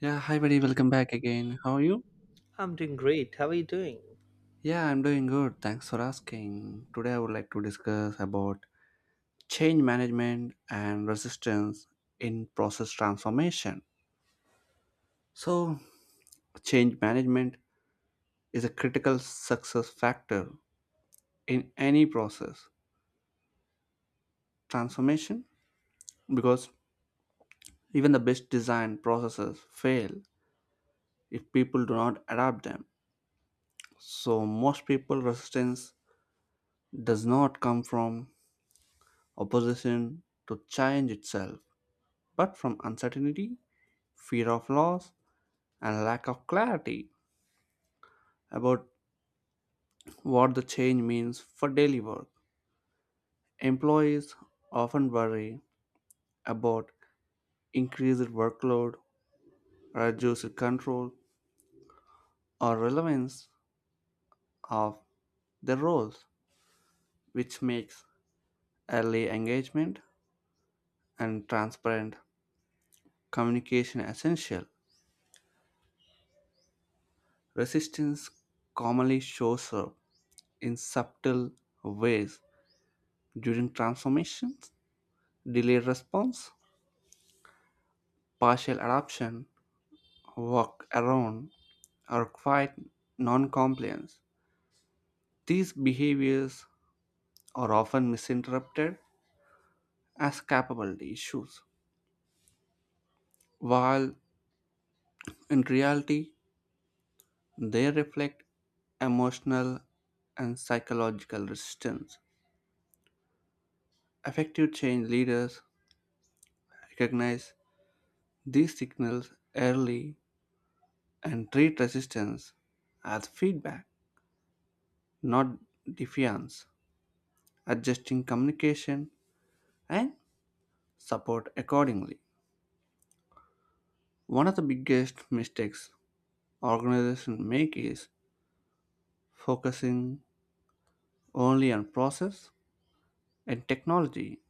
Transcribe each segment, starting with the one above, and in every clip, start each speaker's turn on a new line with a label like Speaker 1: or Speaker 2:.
Speaker 1: Yeah, hi buddy, welcome back again. How are you?
Speaker 2: I'm doing great. How are you doing?
Speaker 1: Yeah, I'm doing good. Thanks for asking. Today I would like to discuss about change management and resistance in process transformation. So, change management is a critical success factor in any process transformation because even the best designed processes fail if people do not adapt them. So, most people resistance does not come from opposition to change itself but from uncertainty, fear of loss, and lack of clarity about what the change means for daily work. Employees often worry about increased workload, reduced control, or relevance of their roles, which makes early engagement and transparent communication essential. Resistance commonly shows up in subtle ways during transformations, delayed response, partial adoption, walk around, or quiet noncompliance. These behaviors are often misinterpreted as capability issues, while in reality, they reflect emotional and psychological resistance. Effective change leaders recognize these signals early and treat resistance as feedback, not defiance, adjusting communication and support accordingly. One of the biggest mistakes organizations make is focusing only on process and technology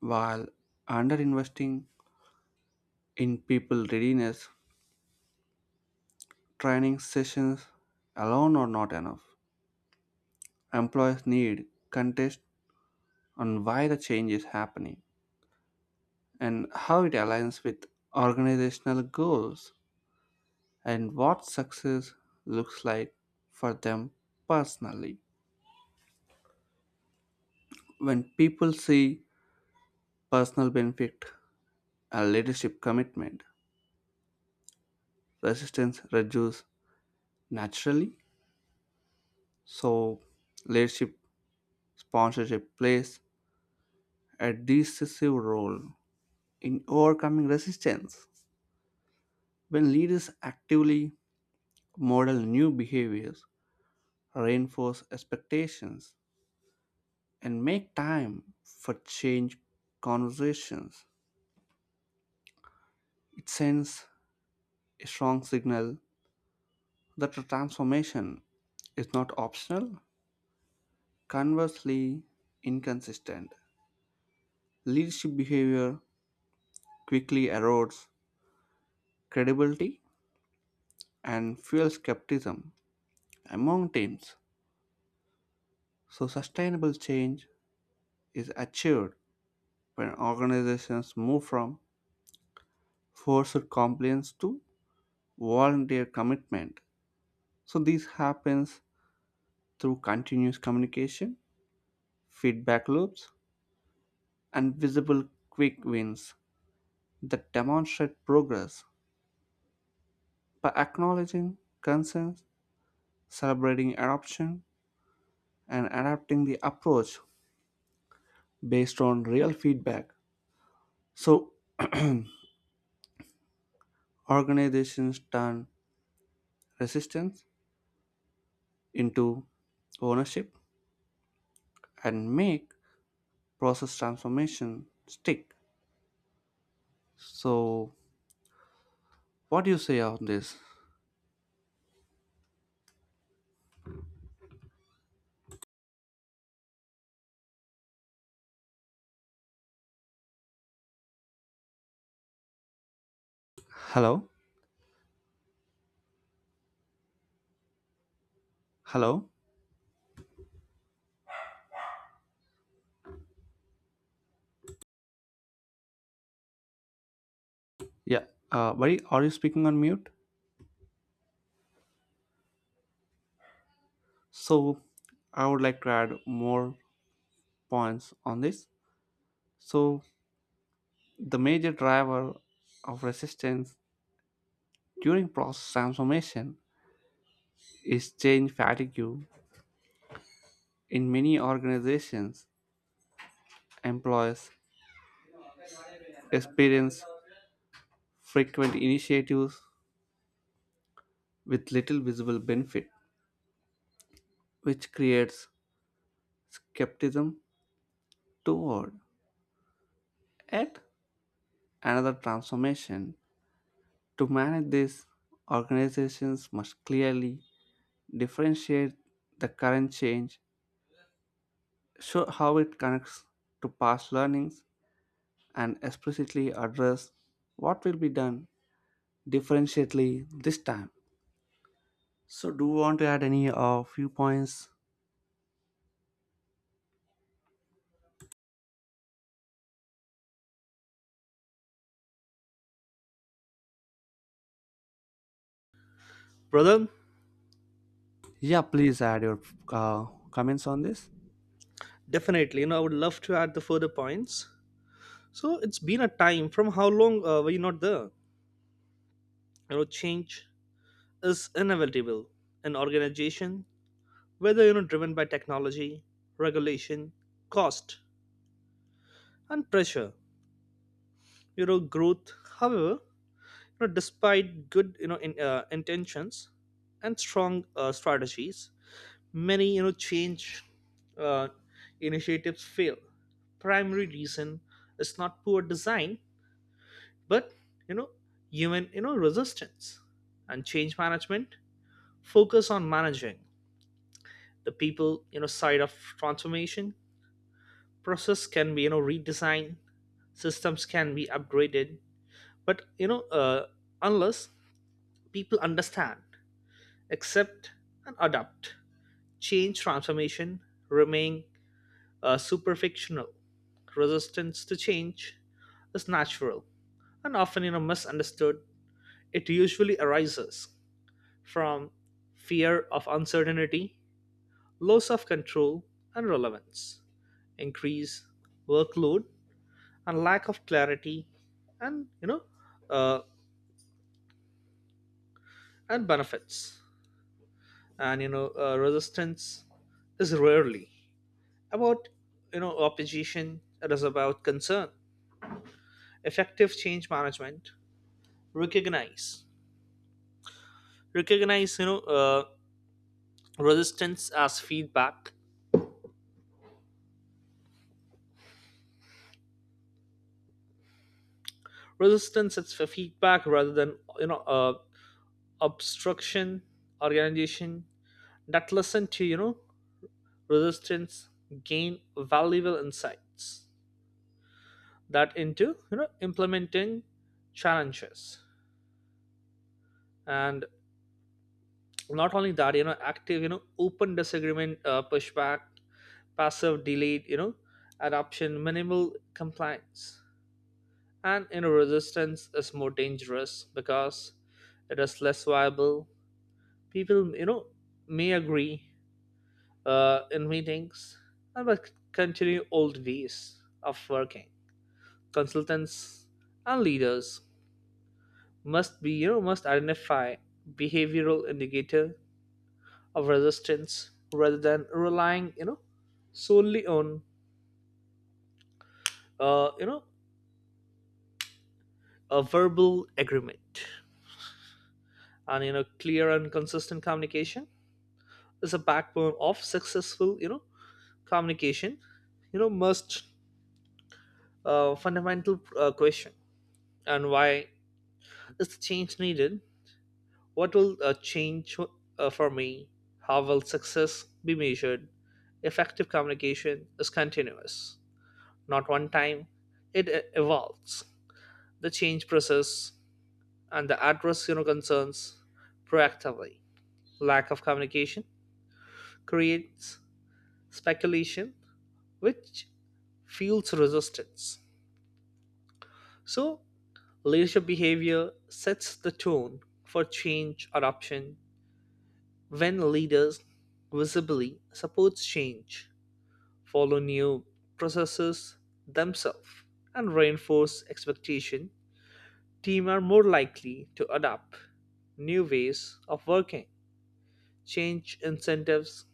Speaker 1: while underinvesting in people readiness. Training sessions alone are not enough. Employees need context on why the change is happening and how it aligns with organizational goals and what success looks like for them personally. When people see personal benefit, a leadership commitment, resistance reduce naturally. So, leadership sponsorship plays a decisive role in overcoming resistance. When leaders actively model new behaviors, reinforce expectations, and make time for change conversations, it sends a strong signal that the transformation is not optional. Conversely, inconsistent leadership behavior quickly erodes credibility and fuels skepticism among teams. So, sustainable change is achieved when organizations move from forced compliance to volunteer commitment. So, this happens through continuous communication, feedback loops, and visible quick wins that demonstrate progress by acknowledging concerns, celebrating adoption, and adapting the approach based on real feedback. So, organizations turn resistance into ownership and make process transformation stick. So, what do you say on this? Hello? Hello? Yeah, buddy, are you speaking on mute? So, I would like to add more points on this. So, the major driver of resistance during process transformation is change fatigue in many organizations. Employees experience frequent initiatives with little visible benefit, which creates skepticism toward yet another transformation. To manage this, organizations must clearly differentiate the current change, show how it connects to past learnings, and explicitly address what will be done differentiately this time. So, do you want to add any few points?
Speaker 2: Brother,
Speaker 1: Yeah, please add your uh, comments on this.
Speaker 2: definitely. I would love to add the further points. So it's been a time from how long were you not there? Change is inevitable. An organization, whether driven by technology, regulation, cost, and pressure, growth. However, despite good intentions and strong strategies, many change uh, initiatives fail. Primary reason is not poor design but you know human resistance, and change management focus on managing the people side of transformation. Process can be redesigned, systems can be upgraded, but unless people understand, accept, and adapt change, transformation remain super fictional. Resistance to change is natural and often misunderstood. It usually arises from fear of uncertainty, loss of control and relevance, increase workload, and lack of clarity, and uh, and benefits. Resistance is rarely about opposition. It is about concern. Effective change management recognize recognize resistance as feedback, resistance as feedback rather than obstruction. Organization that listen to resistance gain valuable insights that into implementing challenges. And not only that, active, open disagreement, pushback, passive delayed, adoption, minimal compliance. Resistance is more dangerous because it is less viable. People, may agree in meetings and but continue old ways of working. Consultants and leaders must be, you know, must identify behavioral indicator of resistance rather than relying, solely on, uh, you know, a verbal agreement. And clear and consistent communication is a backbone of successful communication. Most fundamental question, and why is the change needed, what will change for me, how will success be measured. Effective communication is continuous, not one time. It evolves the change process and the address concerns proactively. Lack of communication creates speculation which fuels resistance. So, leadership behavior sets the tone for change adoption. When leaders visibly support change, follow new processes themselves, and reinforce expectation, teams are more likely to adopt new ways of working. Change incentives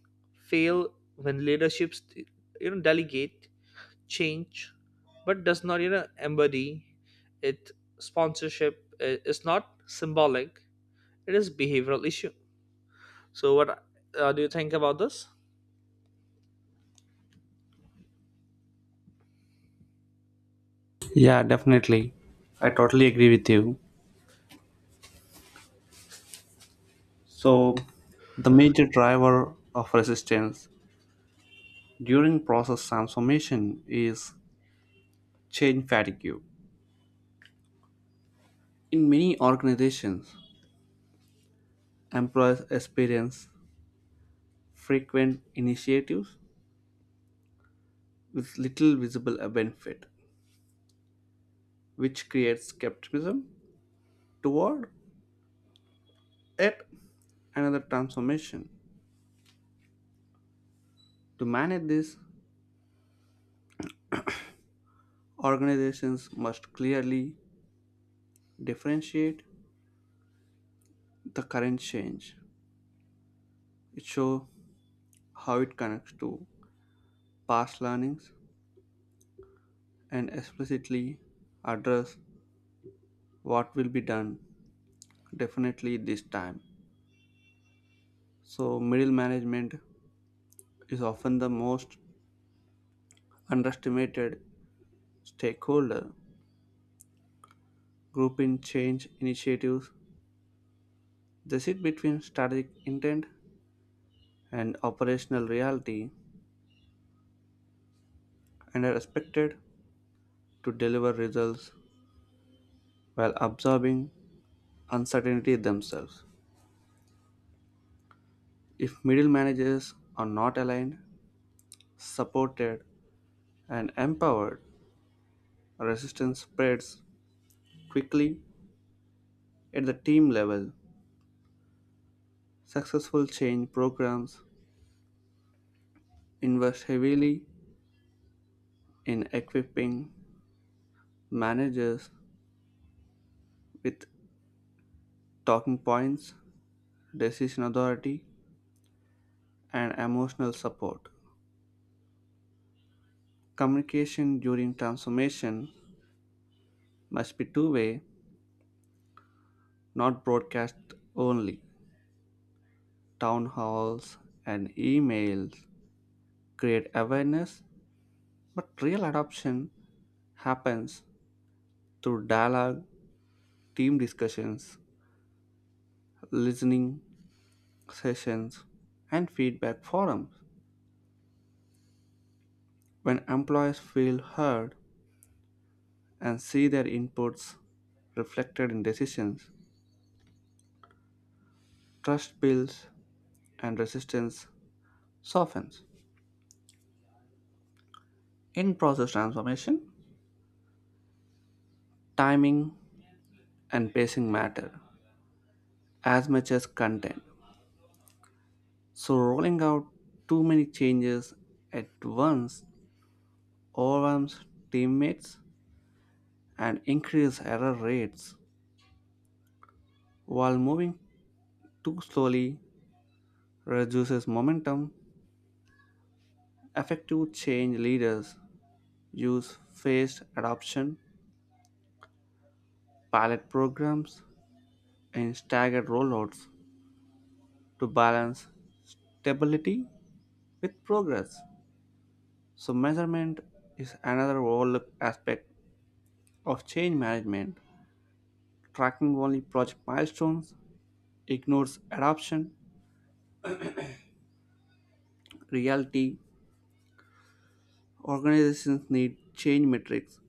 Speaker 2: fail when leaderships delegate change but does not embody it. Sponsorship is not symbolic, it is behavioral issue. So what do you think about this?
Speaker 1: Yeah, definitely. I totally agree with you. So, the major driver of resistance during process transformation is change fatigue. In many organizations, employees experience frequent initiatives with little visible benefit, which creates skepticism toward yet another transformation. To manage this, organizations must clearly differentiate the current change. It show how it connects to past learnings and explicitly address what will be done definitely this time. So middle management is often the most underestimated stakeholder group in change initiatives. They sit between strategic intent and operational reality and are expected to deliver results while absorbing uncertainty themselves. If middle managers are not aligned, supported, and empowered, resistance spreads quickly at the team level. Successful change programs invest heavily in equipping managers with talking points, decision authority, and emotional support. Communication during transformation must be two-way, not broadcast only. Town halls and emails create awareness, but real adoption happens through dialogue, team discussions, listening sessions, and feedback forums. When employees feel heard and see their inputs reflected in decisions, trust builds and resistance softens. In process transformation, timing and pacing matter as much as content. So, rolling out too many changes at once overwhelms teammates and increases error rates. While moving too slowly reduces momentum, effective change leaders use phased adoption, pilot programs, and staggered rollouts to balance stability with progress. So, measurement is another overlooked aspect of change management. Tracking only project milestones ignores adoption, reality, organizations need change metrics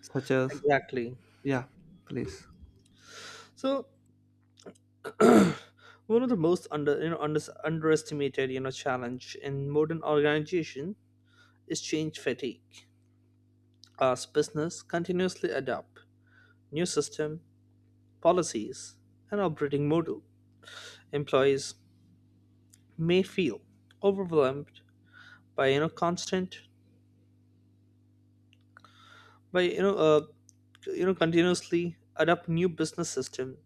Speaker 1: such as—
Speaker 2: Exactly.
Speaker 1: yeah, please.
Speaker 2: So one of the most under you know under, underestimated challenge in modern organization is change fatigue. As business continuously adopt new system, policies, and operating model, employees may feel overwhelmed by constant, by you know continuously adapt new business system,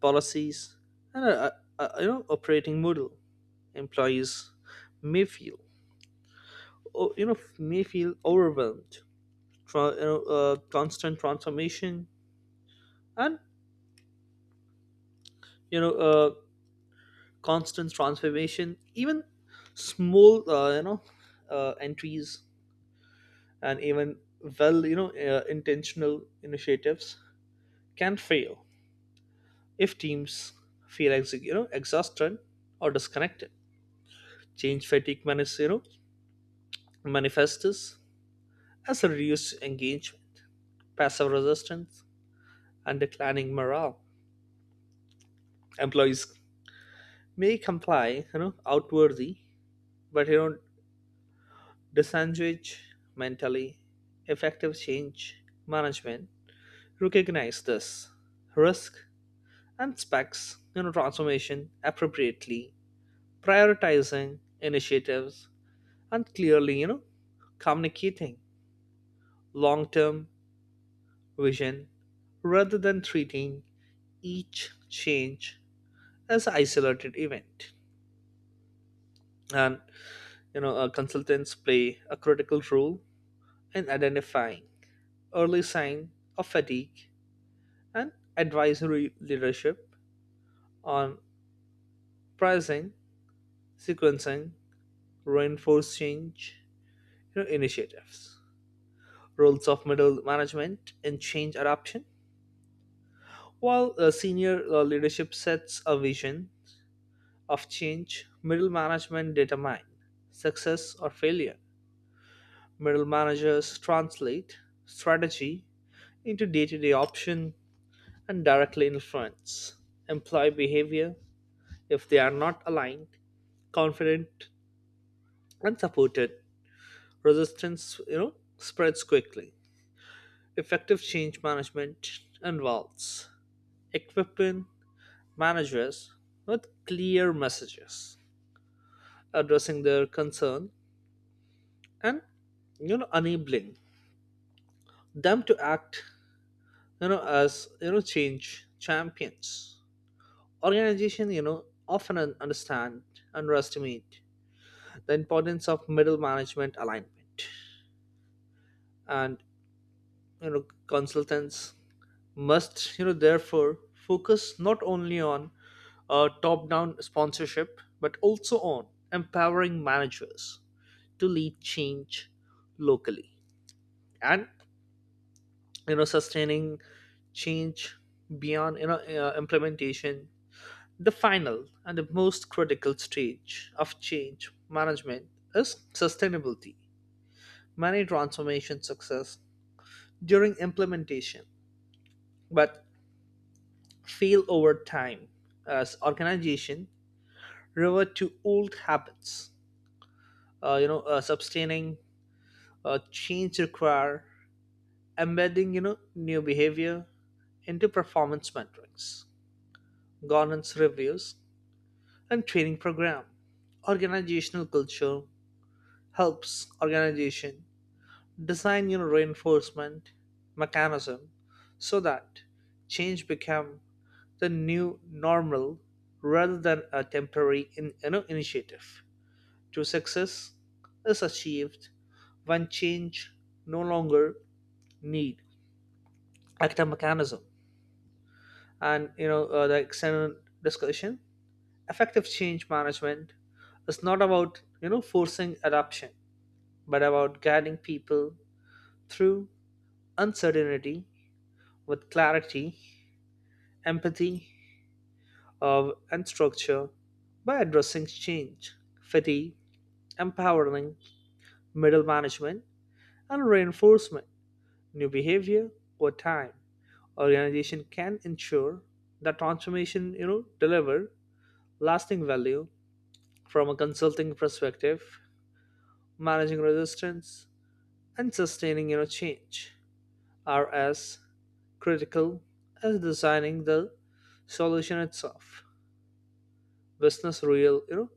Speaker 2: policies, and operating model. Employees may feel may feel overwhelmed constant transformation and you know uh, constant transformation. Even small entries and even well, intentional initiatives can fail if teams feel exhausted or disconnected. Change fatigue manifests as a reduced engagement, passive resistance, and declining morale. Employees may comply outwardly but disengage mentally. Effective change management recognize this risk and specs transformation appropriately, prioritizing initiatives and clearly, communicating long term vision rather than treating each change as an isolated event. And, consultants play a critical role in identifying early signs of fatigue and advisory leadership on pricing, sequencing, reinforced change, initiatives, roles of middle management in change adoption. While senior leadership sets a vision of change, middle management determine success or failure. Middle managers translate strategy into day to day option and directly influence employee behavior. If they are not aligned, confident, and supported, resistance, spreads quickly. Effective change management involves equipping managers with clear messages, addressing their concern, and enabling them to act as change champions. Organization often un- understand underestimate the importance of middle management alignment. And consultants must therefore focus not only on top down sponsorship but also on empowering managers to lead change locally and sustaining change beyond implementation. The final and the most critical stage of change management is sustainability. Many transformation success during implementation but fail over time as organization revert to old habits. Sustaining change require embedding new behavior into performance metrics, governance reviews, and training program. Organizational culture helps organization design your reinforcement mechanism so that change become the new normal rather than a temporary initiative. True success is achieved when change no longer need active mechanism and the external discussion. Effective change management is not about forcing adoption but about guiding people through uncertainty with clarity, empathy, of, and structure. By addressing change, fatigue, empowering middle management, and reinforcement new behavior over time, organization can ensure that transformation, deliver lasting value. From a consulting perspective, managing resistance and sustaining, change are as critical as designing the solution itself. Business real, you know,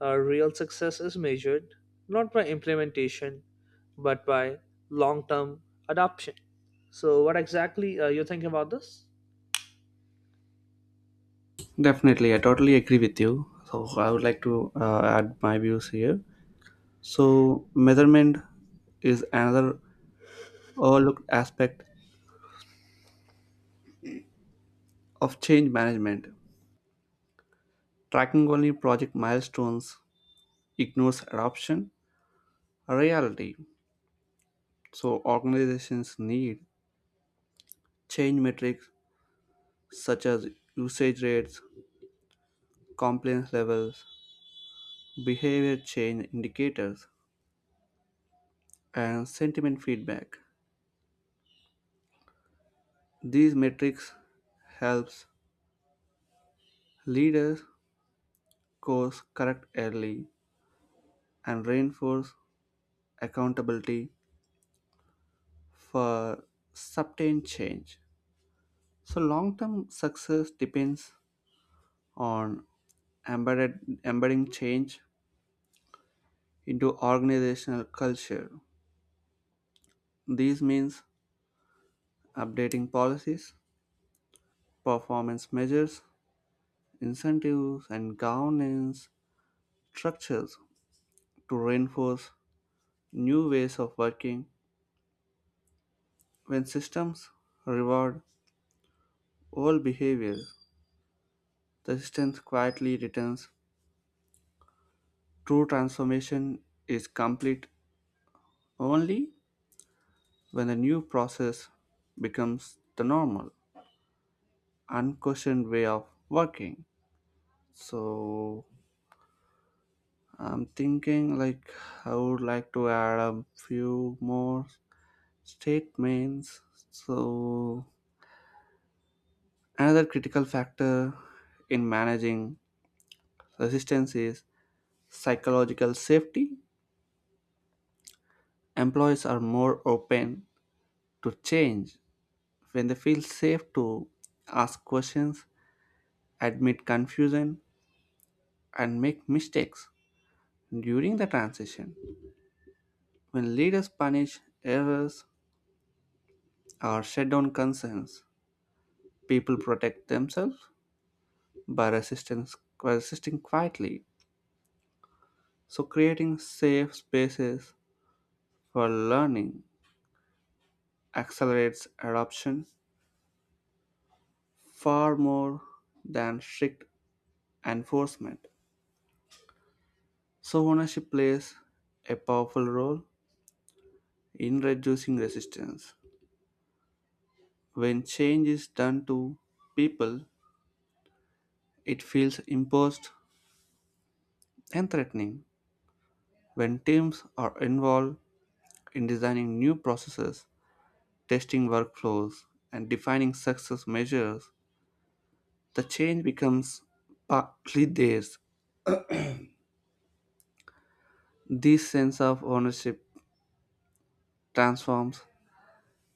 Speaker 2: real success is measured not by implementation but by long-term adoption. So, what exactly are you think about this?
Speaker 1: Definitely, I totally agree with you. So I would like to add my views here. So measurement is another overlooked aspect of change management. Tracking only project milestones ignores adoption reality, so organizations need change metrics such as usage rates, compliance levels, behavior change indicators, and sentiment feedback. These metrics helps leaders course correct early and reinforce accountability for sustained change. So long-term success depends on embedded, embedding change into organizational culture. This means updating policies, performance measures, incentives, and governance structures to reinforce new ways of working. When systems reward old behaviors, the system quietly returns. True transformation is complete only when the new process becomes the normal, unquestioned way of working. So I'm thinking like I would like to add a few more statements. So another critical factor in managing resistance is psychological safety. Employees are more open to change when they feel safe to ask questions, admit confusion, and make mistakes during the transition. When leaders punish errors or shut down concerns, people protect themselves by resistance by resisting quietly. So creating safe spaces for learning accelerates adoption far more than strict enforcement. So, ownership plays a powerful role in reducing resistance. When change is done to people, it feels imposed and threatening. When teams are involved in designing new processes, testing workflows, and defining success measures, the change becomes partly theirs. This sense of ownership transforms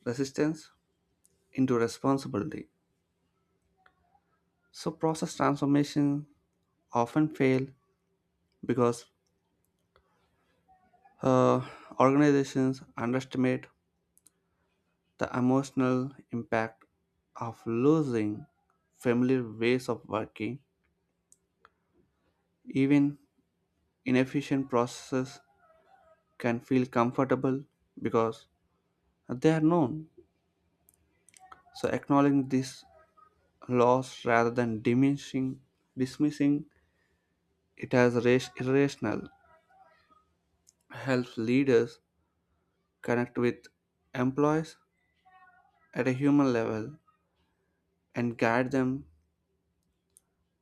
Speaker 1: resistance into responsibility. So, process transformation often fail because uh, organizations underestimate the emotional impact of losing familiar ways of working. Even inefficient processes can feel comfortable because they are known. So acknowledging this loss rather than dismissing it as irrational helps leaders connect with employees at a human level and guide them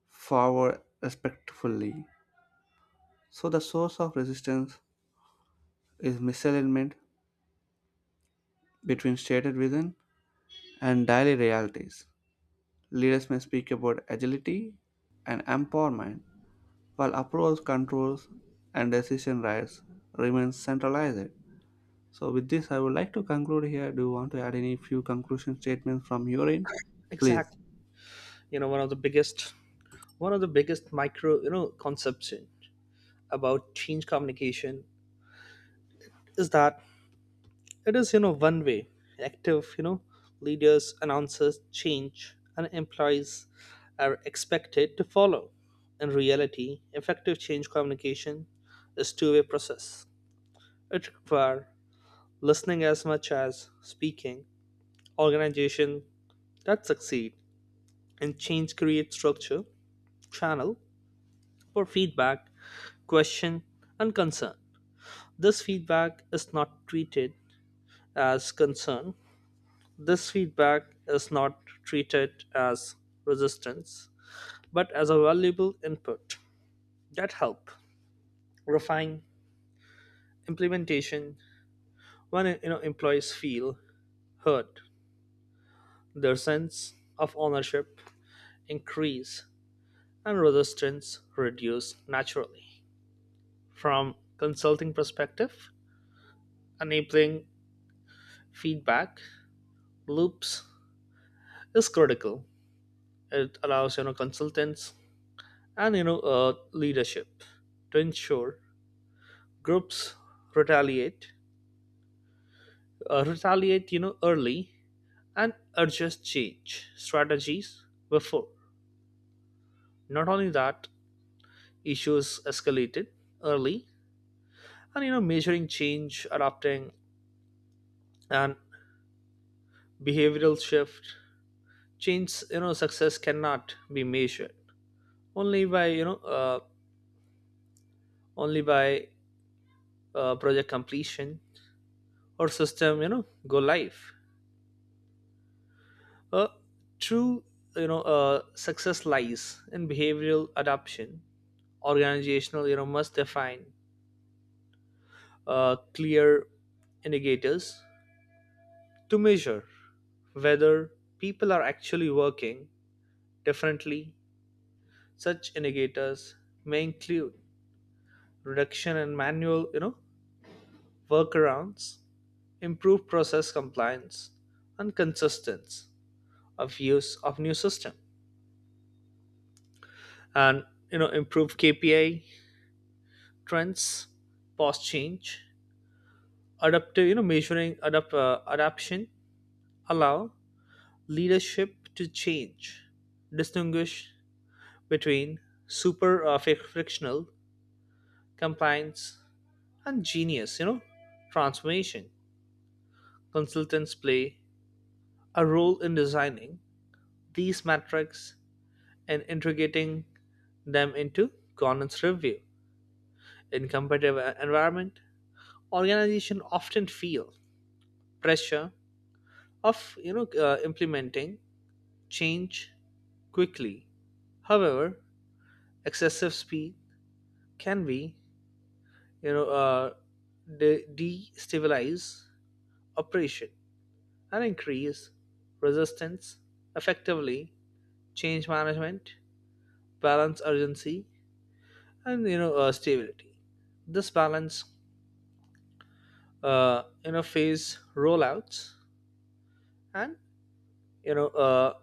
Speaker 1: forward respectively. So the source of resistance is misalignment between stated vision and daily realities. Leaders may speak about agility and empowerment, while approach controls and decision rights remain centralized. So with this, I would like to conclude here. Do you want to add any few conclusion statements from your end? Please.
Speaker 2: Exactly. You know, one of the biggest, one of the biggest conception about change communication is that it is one way. Active you know leaders announces change and employees are expected to follow. In reality, effective change communication is two-way process. It requires listening as much as speaking. Organization that succeed and change create structure, channel for feedback, question, and concern. this feedback is not treated as concern This feedback is not treated as resistance, but as a valuable input that help refine implementation. When employees feel heard, their sense of ownership increase and resistance reduce naturally. From consulting perspective, enabling feedback loops is critical. It allows consultants and leadership to ensure groups retaliate, retaliate, early and adjust change strategies before. Not only that, issues escalated early, and measuring change, adapting, and behavioral shift. Change, success cannot be measured only by you know, uh, only by project completion or system, go live. Uh, true, success lies in behavioral adoption. Organizational, must define clear indicators to measure whether people are actually working differently. Such indicators may include reduction in manual, workarounds, improved process compliance, and consistency of use of new system, and improved KPI trends, past change, adaptive, adaptation, allow leadership to change, distinguish between super frictional compliance and genius, transformation. Consultants play a role in designing these metrics and integrating them into governance review. In competitive environment, organizations often feel pressure of implementing change quickly. However, excessive speed can be you know uh, destabilize operation and increase resistance. Effectively, change management balance urgency and stability. This balance phase rollouts and you know uh,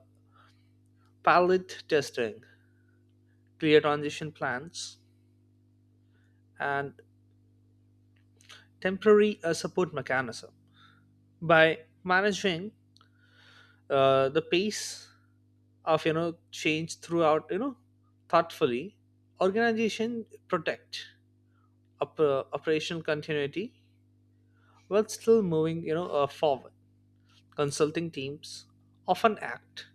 Speaker 2: pilot testing, clear transition plans, and temporary support mechanism. By managing the pace of change throughout you know thoughtfully, organization protect operational continuity while still moving forward. Consulting teams often act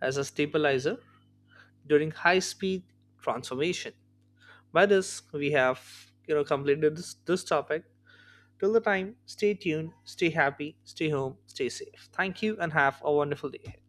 Speaker 2: as a stabilizer during high speed transformation. By this we have completed this topic. Till the time, stay tuned, stay happy, stay home, stay safe. Thank you, and have a wonderful day ahead.